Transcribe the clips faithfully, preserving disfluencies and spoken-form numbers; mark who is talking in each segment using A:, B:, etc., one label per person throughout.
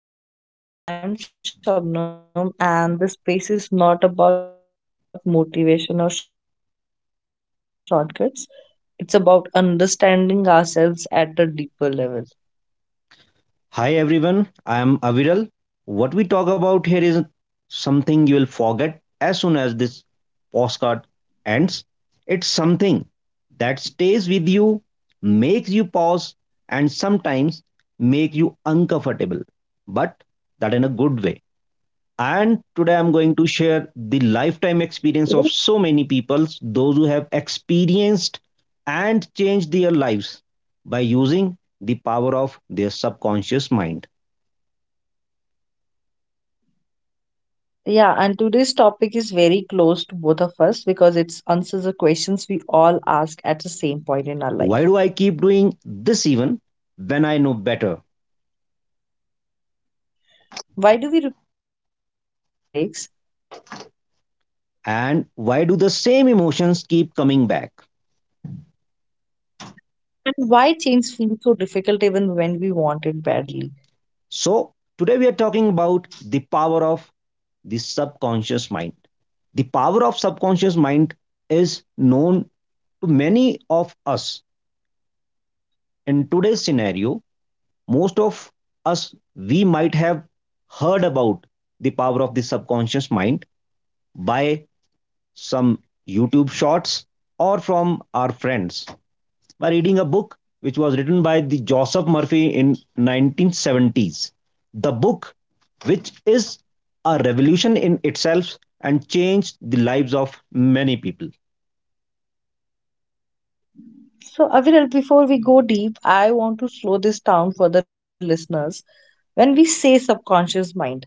A: everyone, welcome to the podcast. I'm Shabnam, and this space is not about motivation or shortcuts, it's about understanding ourselves at a deeper level.
B: Hi everyone, I am Aviral. What we talk about here is something you will forget as soon as this postcard ends. It's something that stays with you, makes you pause, and sometimes make you uncomfortable, but that in a good way. And today I'm going to share the
A: Mhm.
B: lifetime experience of so many people, those who have experienced and changed their lives by using the power of their subconscious mind.
A: Yeah, and today's topic is very close to both of us because it answers the questions we all ask at the same point in
B: Why
A: our
B: do I
A: life.
B: keep doing this even when I know better?
A: Why do we repeat the same mistakes?
B: And why do the same emotions keep coming back?
A: And why change feels so difficult even when we want it badly?
B: So, today we are talking about the power of the subconscious mind. The power of subconscious mind is known to many of us. In today's scenario, most of us, we might have heard about the power of the subconscious mind by some YouTube shorts or from our friends, by reading a book which was written by the Joseph Murphy in nineteen seventies. The book, which is a revolution in itself and changed the lives of many people.
A: So, Aviral, before we go deep, I want to slow this down for the listeners. When we say subconscious mind,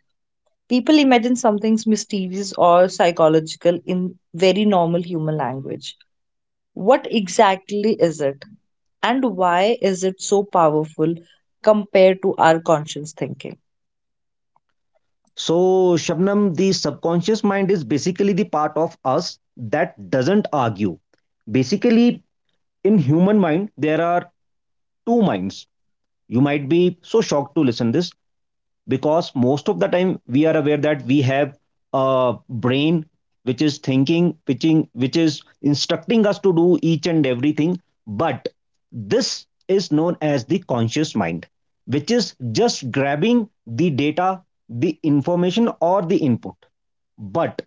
A: people imagine something's mysterious or psychological in very normal human language. What exactly is it, and why is it so powerful compared to our conscious thinking?
B: So, Shabnam, the subconscious mind is basically the part of us that doesn't argue. Basically, in human mind, there are two minds. You might be so shocked to listen this, because most of the time we are aware that we have a brain which is thinking, which, which is instructing us to do each and everything, but this is known as the conscious mind, which is just grabbing the data, the information, or the input. But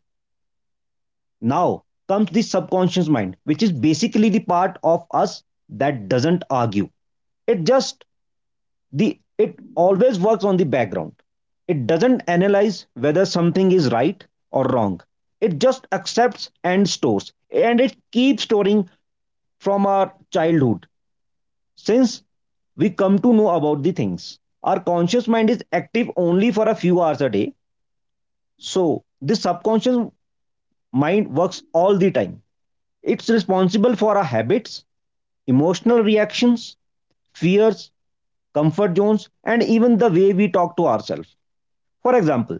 B: now comes the subconscious mind, which is basically the part of us that doesn't argue. It just the it always works on the background. It doesn't analyze whether something is right or wrong. It just accepts and stores, and it keeps storing from our childhood. Since we come to know about the things, our conscious mind is active only for a few hours a day, so the subconscious mind works all the time. It's responsible for our habits, emotional reactions, fears, comfort zones, and even the way we talk to ourselves. For example,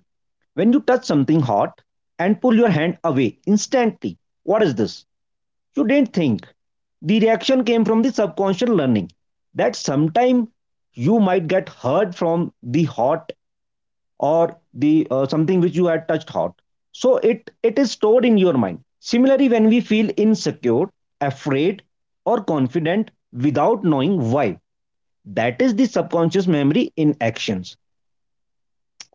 B: when you touch something hot and pull your hand away instantly, what is this? You didn't think. The reaction came from the subconscious learning that sometime you might get hurt from the hot, or the uh, something which you had touched hot. So it it is stored in your mind. Similarly, when we feel insecure, afraid, or confident without knowing why, that is the subconscious memory in actions.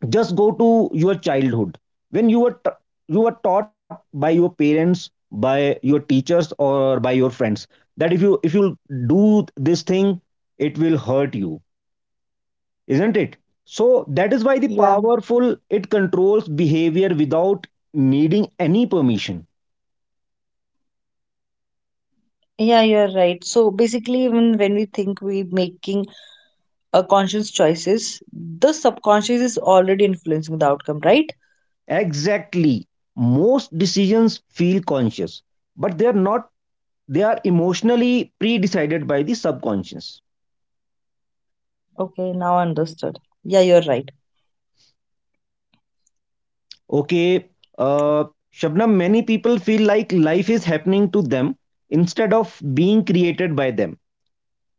B: Just go to your childhood, when you were you were taught by your parents, by your teachers, or by your friends, that if you if you do this thing, it will hurt you, isn't it? So that is why the
A: Yeah.
B: powerful, it controls behavior without needing any permission.
A: Yeah, you're right. So basically, even when we think we're making a conscious choices, the subconscious is already influencing the outcome, right?
B: Exactly, most decisions feel conscious, but they are not. They are emotionally pre-decided by the subconscious.
A: Okay, now understood. Yeah, you're right.
B: Okay, uh, Shabnam, many people feel like life is happening to them instead of being created by them.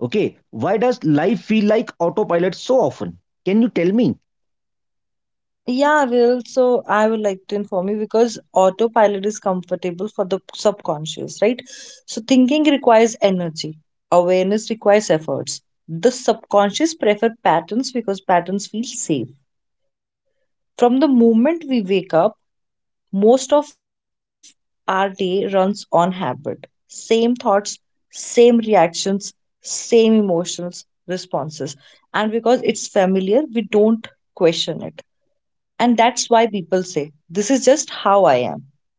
B: Okay, why does life feel like autopilot so often? Can you tell me?
A: Yeah, I will. So I would like to inform you because autopilot is comfortable for the subconscious, right? So thinking requires energy, awareness requires efforts. The subconscious prefer patterns because patterns feel safe. From the moment we wake up, most of our day runs on habit. Same thoughts, same reactions, same emotions, responses. And because it's familiar, we don't question it. And that's why people say, this is just how I am.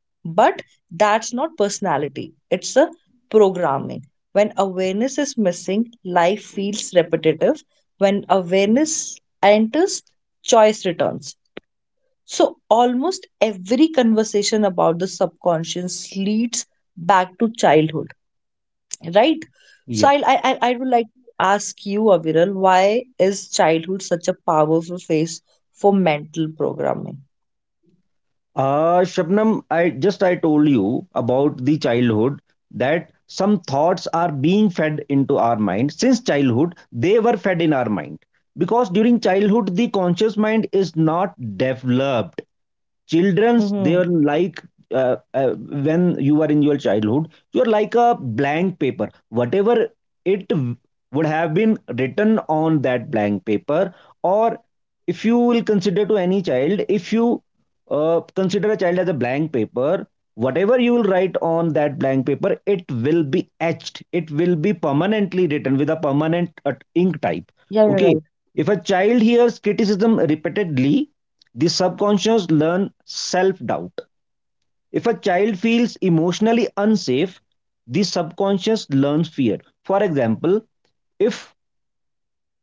A: But that's not personality, it's a programming. When awareness is missing, life feels repetitive. When awareness enters, choice returns. So, almost every conversation about the subconscious leads back to childhood, right? So,
B: Yeah.
A: I'll, I, I I would like to ask you, Aviral, why is childhood such a powerful phase for mental programming?
B: Uh, Shabnam, I just I told you about the childhood, that some thoughts are being fed into our mind. Since childhood, they were fed in our mind, because during childhood the conscious mind is not developed. Children's, they're
A: Mm-hmm.
B: like uh, uh, when you are in your childhood, you're like a blank paper. Whatever it would have been written on that blank paper, or if you will consider to any child, if you uh, consider a child as a blank paper, whatever you will write on that blank paper, it will be etched. It will be permanently written with a permanent uh, ink type,
A: Yeah,
B: okay?
A: you're right.
B: If a child hears criticism repeatedly, the subconscious learns self-doubt. If a child feels emotionally unsafe, the subconscious learns fear. For example, if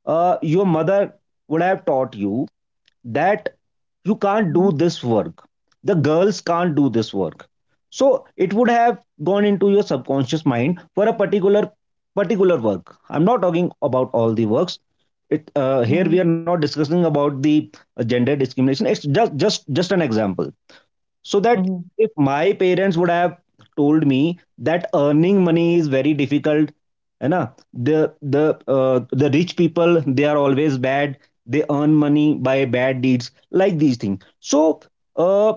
B: uh, your mother would have taught you that you can't
A: Mm-hmm.
B: do this work, the girls can't do this work. So it would have gone into your subconscious mind for a particular particular work. I'm not talking about all the works. It uh, Here we are not discussing about the uh, gender discrimination. It's just just just an example, so that
A: Mm-hmm.
B: if my parents would have told me that earning money is very difficult, है ना, the the uh, the rich people, they are always bad, they earn money by bad deeds, like these things. So uh,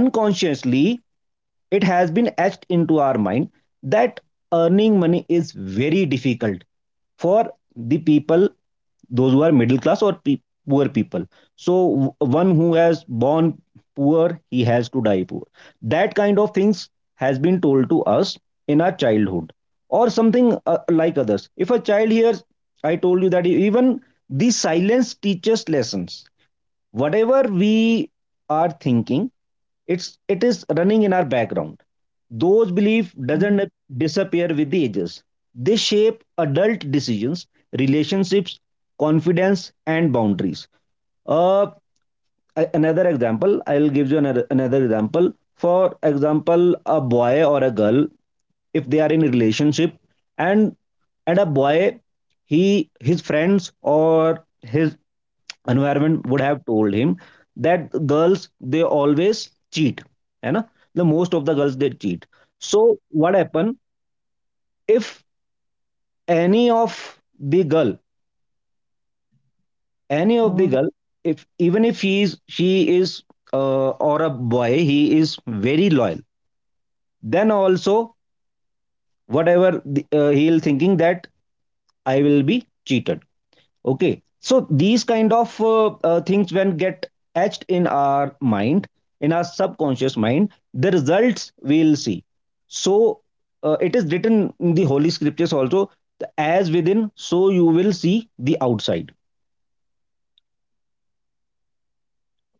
B: unconsciously, it has been etched into our mind that earning money is very difficult for the people, those who are middle class or pe- poor people. So one who has born poor, he has to die poor. That kind of things has been told to us in our childhood, or something uh, like others. If a child hears, I told you that e-, even the silence teaches lessons. Whatever we are thinking, it's it is running in our background. Those belief
A: Mm-hmm.
B: doesn't disappear with the ages. They shape adult decisions, relationships, confidence, and boundaries. Uh, a- another example, I'll give you another, another example. For example, a boy or a girl, if they are in a relationship, and and a boy, he his friends or his environment would have told him that girls, they always cheat, you know the most of the girls, they cheat. So what happen, if any of the girl any of the
A: Hmm.
B: girl if even if he is, she is, uh, or a boy, he is very loyal, then also whatever the, uh, he'll thinking that I will be cheated. Okay, so these kind of uh, uh, things, when get etched in our mind, in our subconscious mind, the results we'll see. So uh, it is written in the holy scriptures also, as within, so you will see the outside.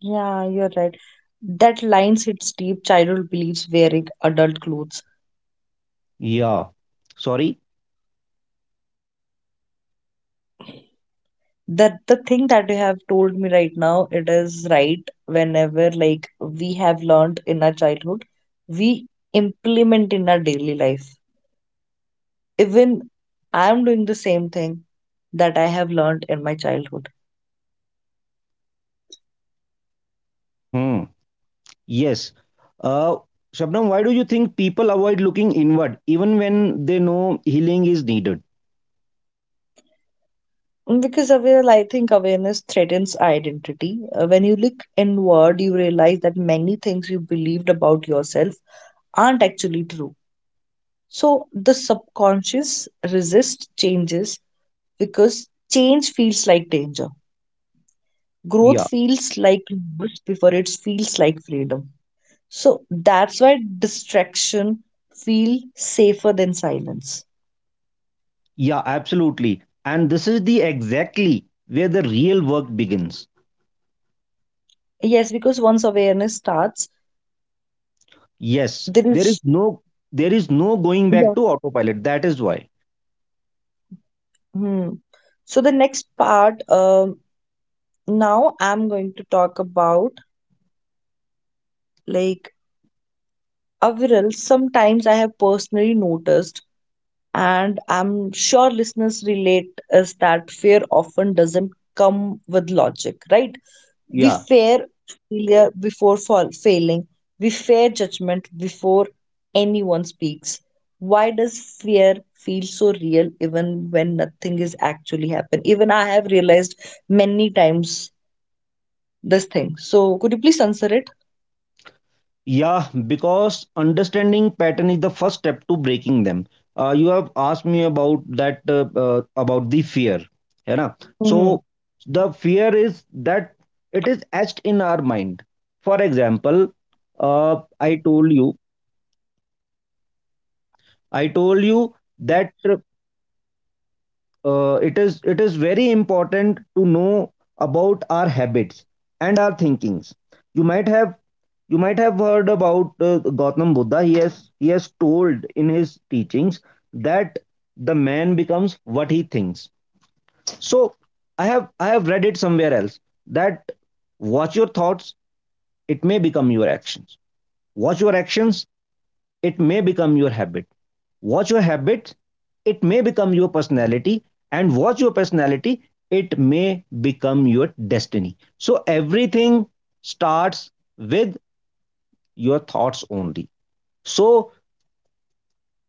A: Yeah, you're right. That lines hits deep childhood beliefs wearing adult clothes.
B: Yeah, sorry.
A: That the thing that you have told me right now, it is right. Whenever like we have learned in our childhood, we implement in our daily life. Even I'm doing the same thing that I have learned in my childhood.
B: Hmm, yes. uh Shabnam, why do you think people avoid looking inward even when they know healing is needed?
A: Because aware, I think awareness threatens identity. Uh, When you look inward, you realize that many things you believed about yourself aren't actually true. So the subconscious resists changes because change feels like danger. Growth
B: Yeah,
A: feels like loss before it feels like freedom. So that's why distraction feels safer than silence.
B: yeah, absolutely. And this is the exactly where the real work begins.
A: Yes, because once awareness starts,
B: Yes,
A: there
B: there is
A: is.
B: no there is no going back to autopilot. That is why.
A: Hmm. So the next part, um, now I'm going to talk about like Aviral. Sometimes I have personally noticed, and I'm sure listeners relate, is that fear often doesn't come with logic, right? We
B: Yeah.
A: fear failure before fall, failing. We fear judgment before anyone speaks. Why does fear feel so real even when nothing is actually happened? Even I have realized many times this thing. So could you please answer it?
B: Yeah, because understanding pattern is the first step to breaking them. Uh, you have asked me about that uh, uh, about the fear. You know? So
A: Hmm.
B: the fear is that it is etched in our mind. For example, uh, I told you I told you that uh, uh, it is it is very important to know about our habits and our thinkings. You might have you might have heard about uh, Gautam Buddha. He has he has told in his teachings that the man becomes what he thinks. So i have i have read it somewhere else, that watch your thoughts, it may become your actions. Watch your actions, it may become your habit. Watch your habit, it may become your personality, and watch your personality, it may become your destiny. So everything starts with your thoughts only. So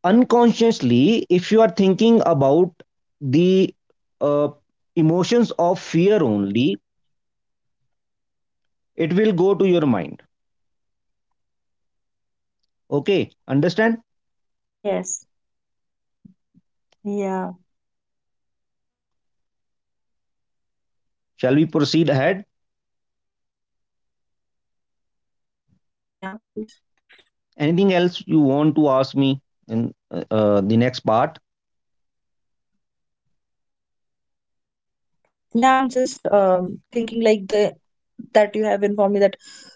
B: unconsciously, if you are thinking about the uh, emotions of fear only, it will go to your mind. Okay, understand?
A: Yes. Yeah.
B: Shall we proceed ahead?
A: Yeah, please.
B: Anything else you want to ask me in uh, uh, the next part?
A: Yeah, I'm just um, thinking like the that you have informed me that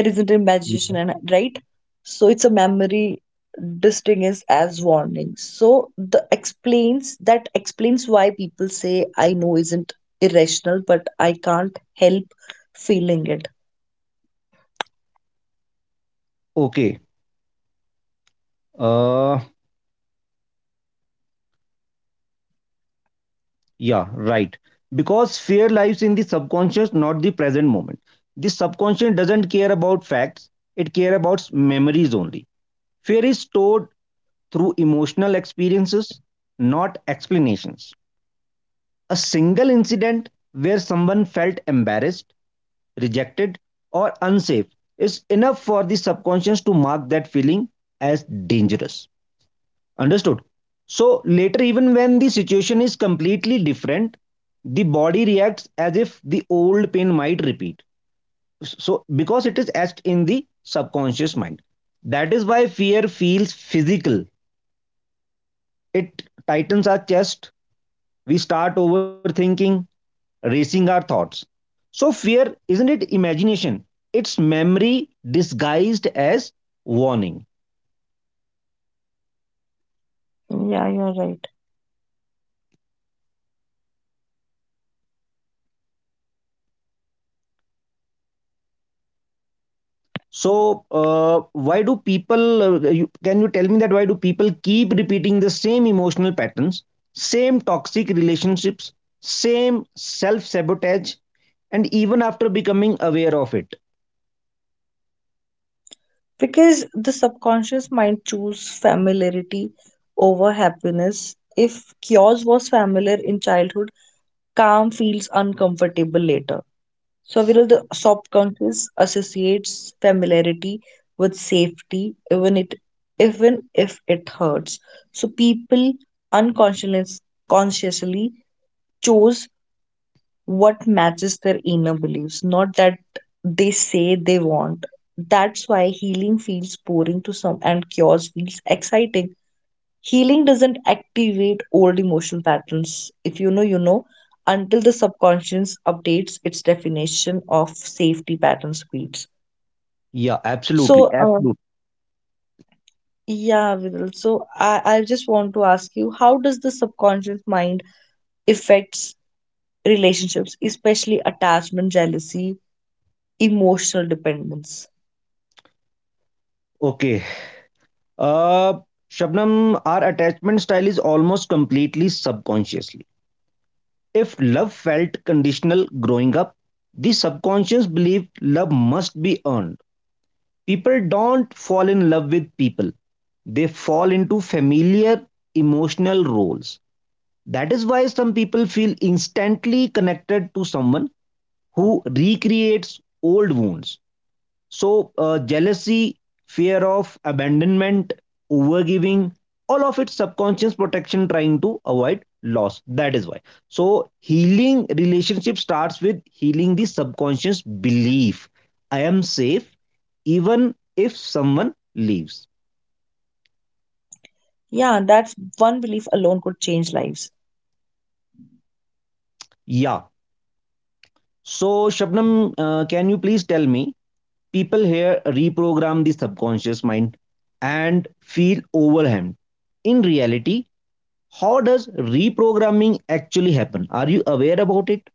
A: fear isn't imagination and right? So it's a memory distinguished as warning. So the explains that explains why people say I know isn't irrational, but I can't help feeling it.
B: Okay. Uh, yeah, right. Because fear lies in the subconscious, not the present moment. The subconscious doesn't care about facts, it care about memories only. Fear is stored through emotional experiences, not explanations. A single incident where someone felt embarrassed, rejected, or unsafe is enough for the subconscious to mark that feeling as dangerous. Understood. So later, even when the situation is completely different, the body reacts as if the old pain might repeat. So, because it is etched in the subconscious mind. That is why fear feels physical. It tightens our chest. We start overthinking, racing our thoughts. So, fear isn't it imagination? It's memory disguised as warning.
A: Yeah, you're right.
B: So, uh, why do people, uh, you, can you tell me that why do people keep repeating the same emotional patterns, same toxic relationships, same self sabotage, and even after becoming aware of it?
A: Because the subconscious mind choose familiarity over happiness if chaos was familiar in childhood calm feels uncomfortable later. So Viral, the subconscious associates familiarity with safety, even it even if it hurts. So people unconsciously consciously chose what matches their inner beliefs, not that they say they want. That's why healing feels boring to some and cures feels exciting. Healing doesn't activate old emotional patterns. If you know, you know, until the subconscious updates its definition of safety pattern speeds.
B: Yeah, absolutely.
A: So, uh,
B: Absolutely.
A: yeah, Viral. So, I, I just want to ask you, how does the subconscious mind affects relationships, especially attachment, jealousy, emotional dependence.
B: Okay. Uh, Shabnam, our attachment style is almost completely subconsciously. If love felt conditional growing up, the subconscious believed love must be earned. People don't fall in love with people, they fall into familiar emotional roles. That is why some people feel instantly connected to someone who recreates old wounds. So, uh, jealousy, fear of abandonment, overgiving, all of its subconscious protection trying to avoid loss. That is why. So, healing relationship starts with healing the subconscious belief, I am safe even if someone leaves.
A: Yeah, that's one belief alone could change lives.
B: Yeah. So, Shabnam, uh, can you please tell me? People here reprogram the subconscious mind and feel overwhelmed. In reality, how does reprogramming actually happen? Are you aware about it?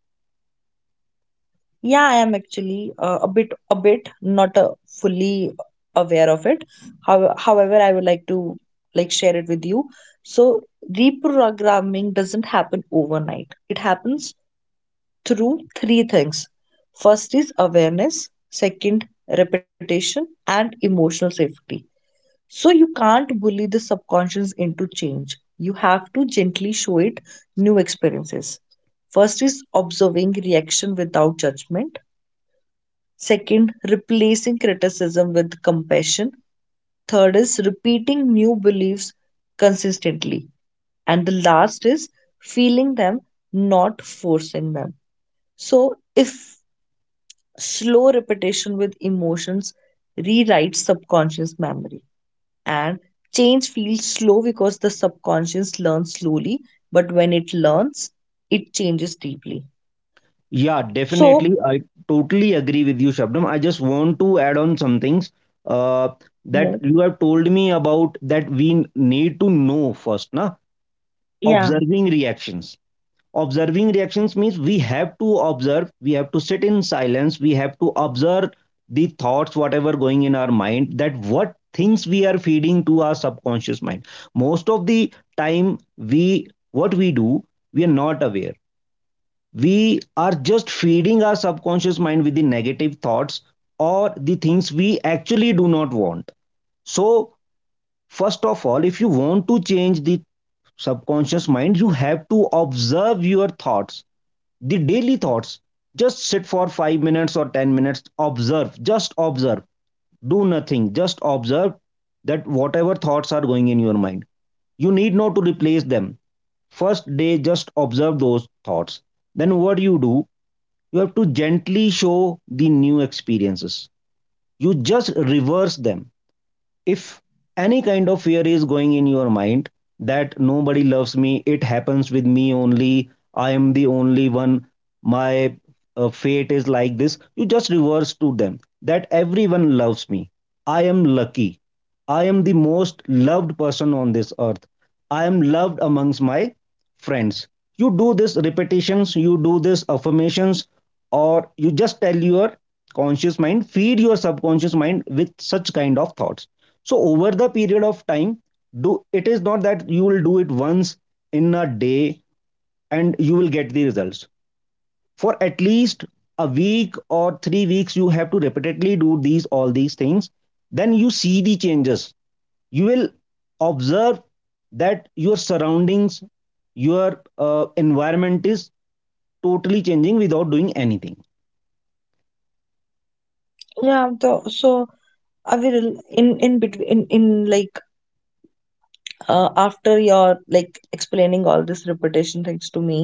A: Yeah, I am actually uh, a bit, a bit, not uh, fully aware of it. How, however, I would like to like share it with you. So reprogramming doesn't happen overnight. It happens through three things. First is awareness. Second, repetition and emotional safety. So you can't bully the subconscious into change. You have to gently show it new experiences. First is observing reaction without judgment. Second, replacing criticism with compassion. Third is repeating new beliefs consistently. And the last is feeling them, not forcing them. So, if slow repetition with emotions rewrites subconscious memory. And change feels slow because the subconscious learns slowly, but when it learns it changes deeply.
B: Yeah,
A: So
B: definitely. I totally agree with you, Shabnam. I just want to add on some things uh, that
A: mhm.
B: you have told me about, that we need to know first, na?
A: Yeah.
B: Observing reactions, observing reactions means we have to observe, we have to sit in silence, we have to observe the thoughts whatever going in our mind, that what things we are feeding to our subconscious mind. Most of the time, we, what we do, we are not aware. We are just feeding our subconscious mind with the negative thoughts or the things we actually do not want. So first of all, if you want to change the subconscious mind, you have to observe your thoughts, the daily thoughts. Just sit for five minutes or ten minutes, observe, just observe, do nothing, just observe that whatever thoughts are going in your mind. You need not to replace them. First day, just observe those thoughts. Then what you do, you have to gently show the new experiences. You just reverse them. If any kind of fear is going in your mind, that nobody loves me, it happens with me only, I am the only one, my uh, fate is like this, you just reverse to them that everyone loves me, I am lucky, I am the most loved person on this earth, I am loved amongst my friends. You do this repetitions, you do this affirmations, or you just tell your conscious mind, feed your subconscious mind with such kind of thoughts. So over the period of time, do, it is not that you will do it once in a day and you will get the results. For at least a week or three weeks, you have to repeatedly do these, all these things. Then you see the changes. You will observe that your surroundings, your uh, environment is totally changing without doing anything.
A: Yeah the, so I will in in between in, in like uh, after your like explaining all this repetition things to me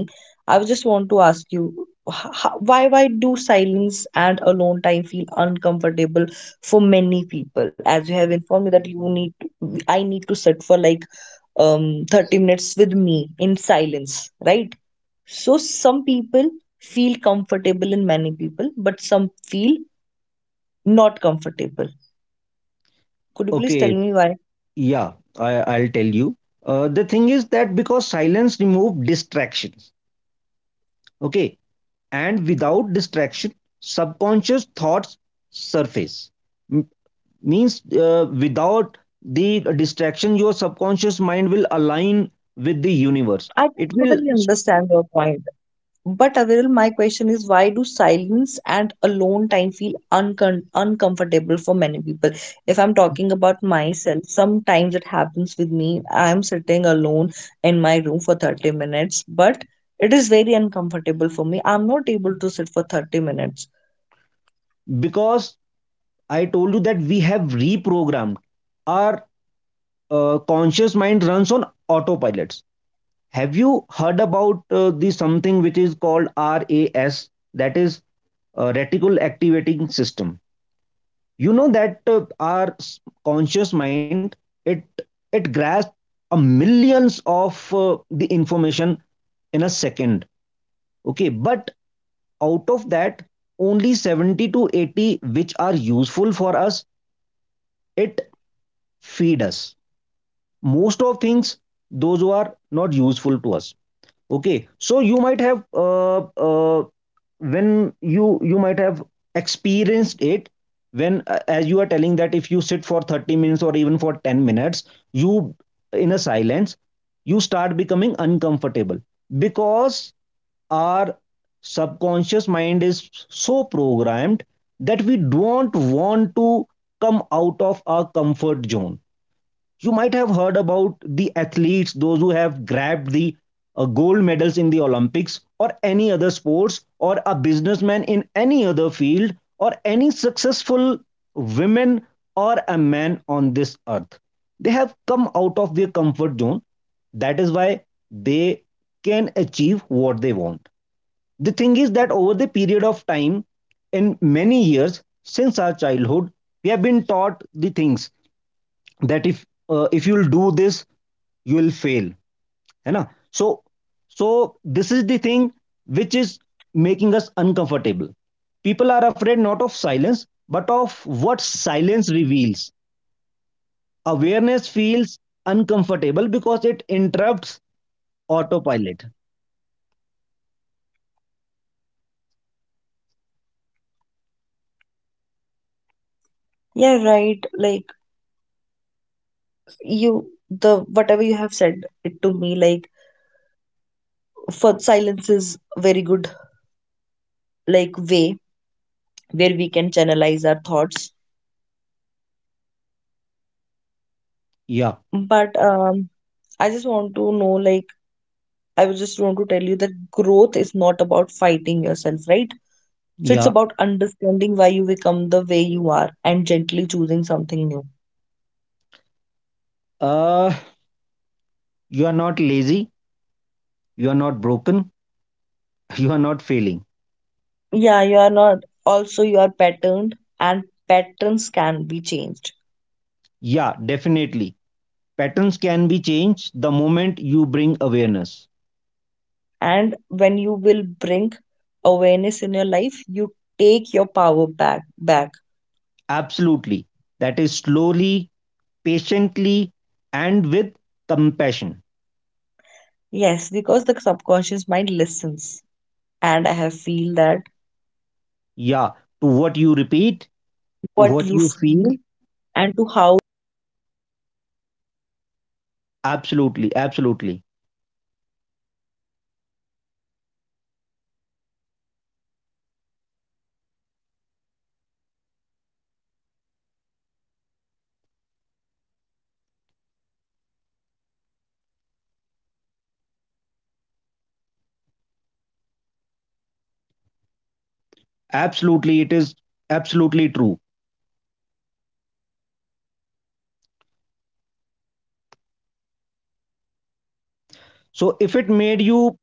A: I would just want to ask you h- h- why why do silence and alone time feel uncomfortable for many people as you have informed me that you need to, I need to sit for like um, thirty minutes with me in silence, right? So some people feel comfortable in many people, but some feel not comfortable. Could you please tell
B: Okay.
A: me why?
B: Yeah. I, i'll tell you, uh, the thing is that because silence remove distractions. Okay. And without distraction, subconscious thoughts surface. M- Means, uh, without the distraction your subconscious mind will align with the universe.
A: I
B: It will.
A: totally understand your point. But Aviral, my question is why do silence and alone time feel uncon uncomfortable for many people? If I'm talking about myself, sometimes it happens with me. I'm sitting alone in my room for thirty minutes, but it is very uncomfortable for me. I'm not able to sit for thirty minutes.
B: Because I told you that we have reprogrammed our uh, conscious mind, runs on autopilots. Have you heard about uh, the something which is called R A S? That is uh, reticle activating system. You know that uh, our conscious mind, it it grasps a millions of uh, the information in a second. Okay, but out of that, only seventy to eighty which are useful for us, it feed us most of things, those who are not useful to us. Okay. So you might have uh, uh, when you you might have experienced it, when uh, as you are telling that if you sit for thirty minutes or even for ten minutes, you in a silence, you start becoming uncomfortable because our subconscious mind is so programmed that we don't want to come out of our comfort zone. You might have heard about the athletes, those who have grabbed the uh, gold medals in the Olympics or any other sports, or a businessman in any other field, or any successful women or a man on this earth, they have come out of their comfort zone. That is why they can achieve what they want. The thing is that over the period of time, in many years since our childhood, we have been taught the things that if uh, if you'll do this, you will fail, है ना? So so this is the thing which is making us uncomfortable. People are afraid not of silence, but of what silence reveals. Awareness feels uncomfortable because it interrupts autopilot.
A: Yeah, right. Like you, the whatever you have said it to me, like for silence is very good like way where we can channelize our thoughts.
B: Yeah,
A: But um, I just want to know, like, I was just want to tell you that growth is not about
B: yeah. Uh, you are not lazy, you are not broken, you are not failing. Yeah, definitely. Patterns can be changed the moment you bring awareness. Absolutely. That is slowly, patiently, and with compassion. Yeah, to what you repeat, to what you feel. Absolutely, absolutely, absolutely. It is absolutely true. So if it made you,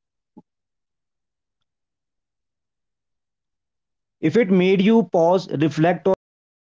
B: if it made you pause, reflect, or understand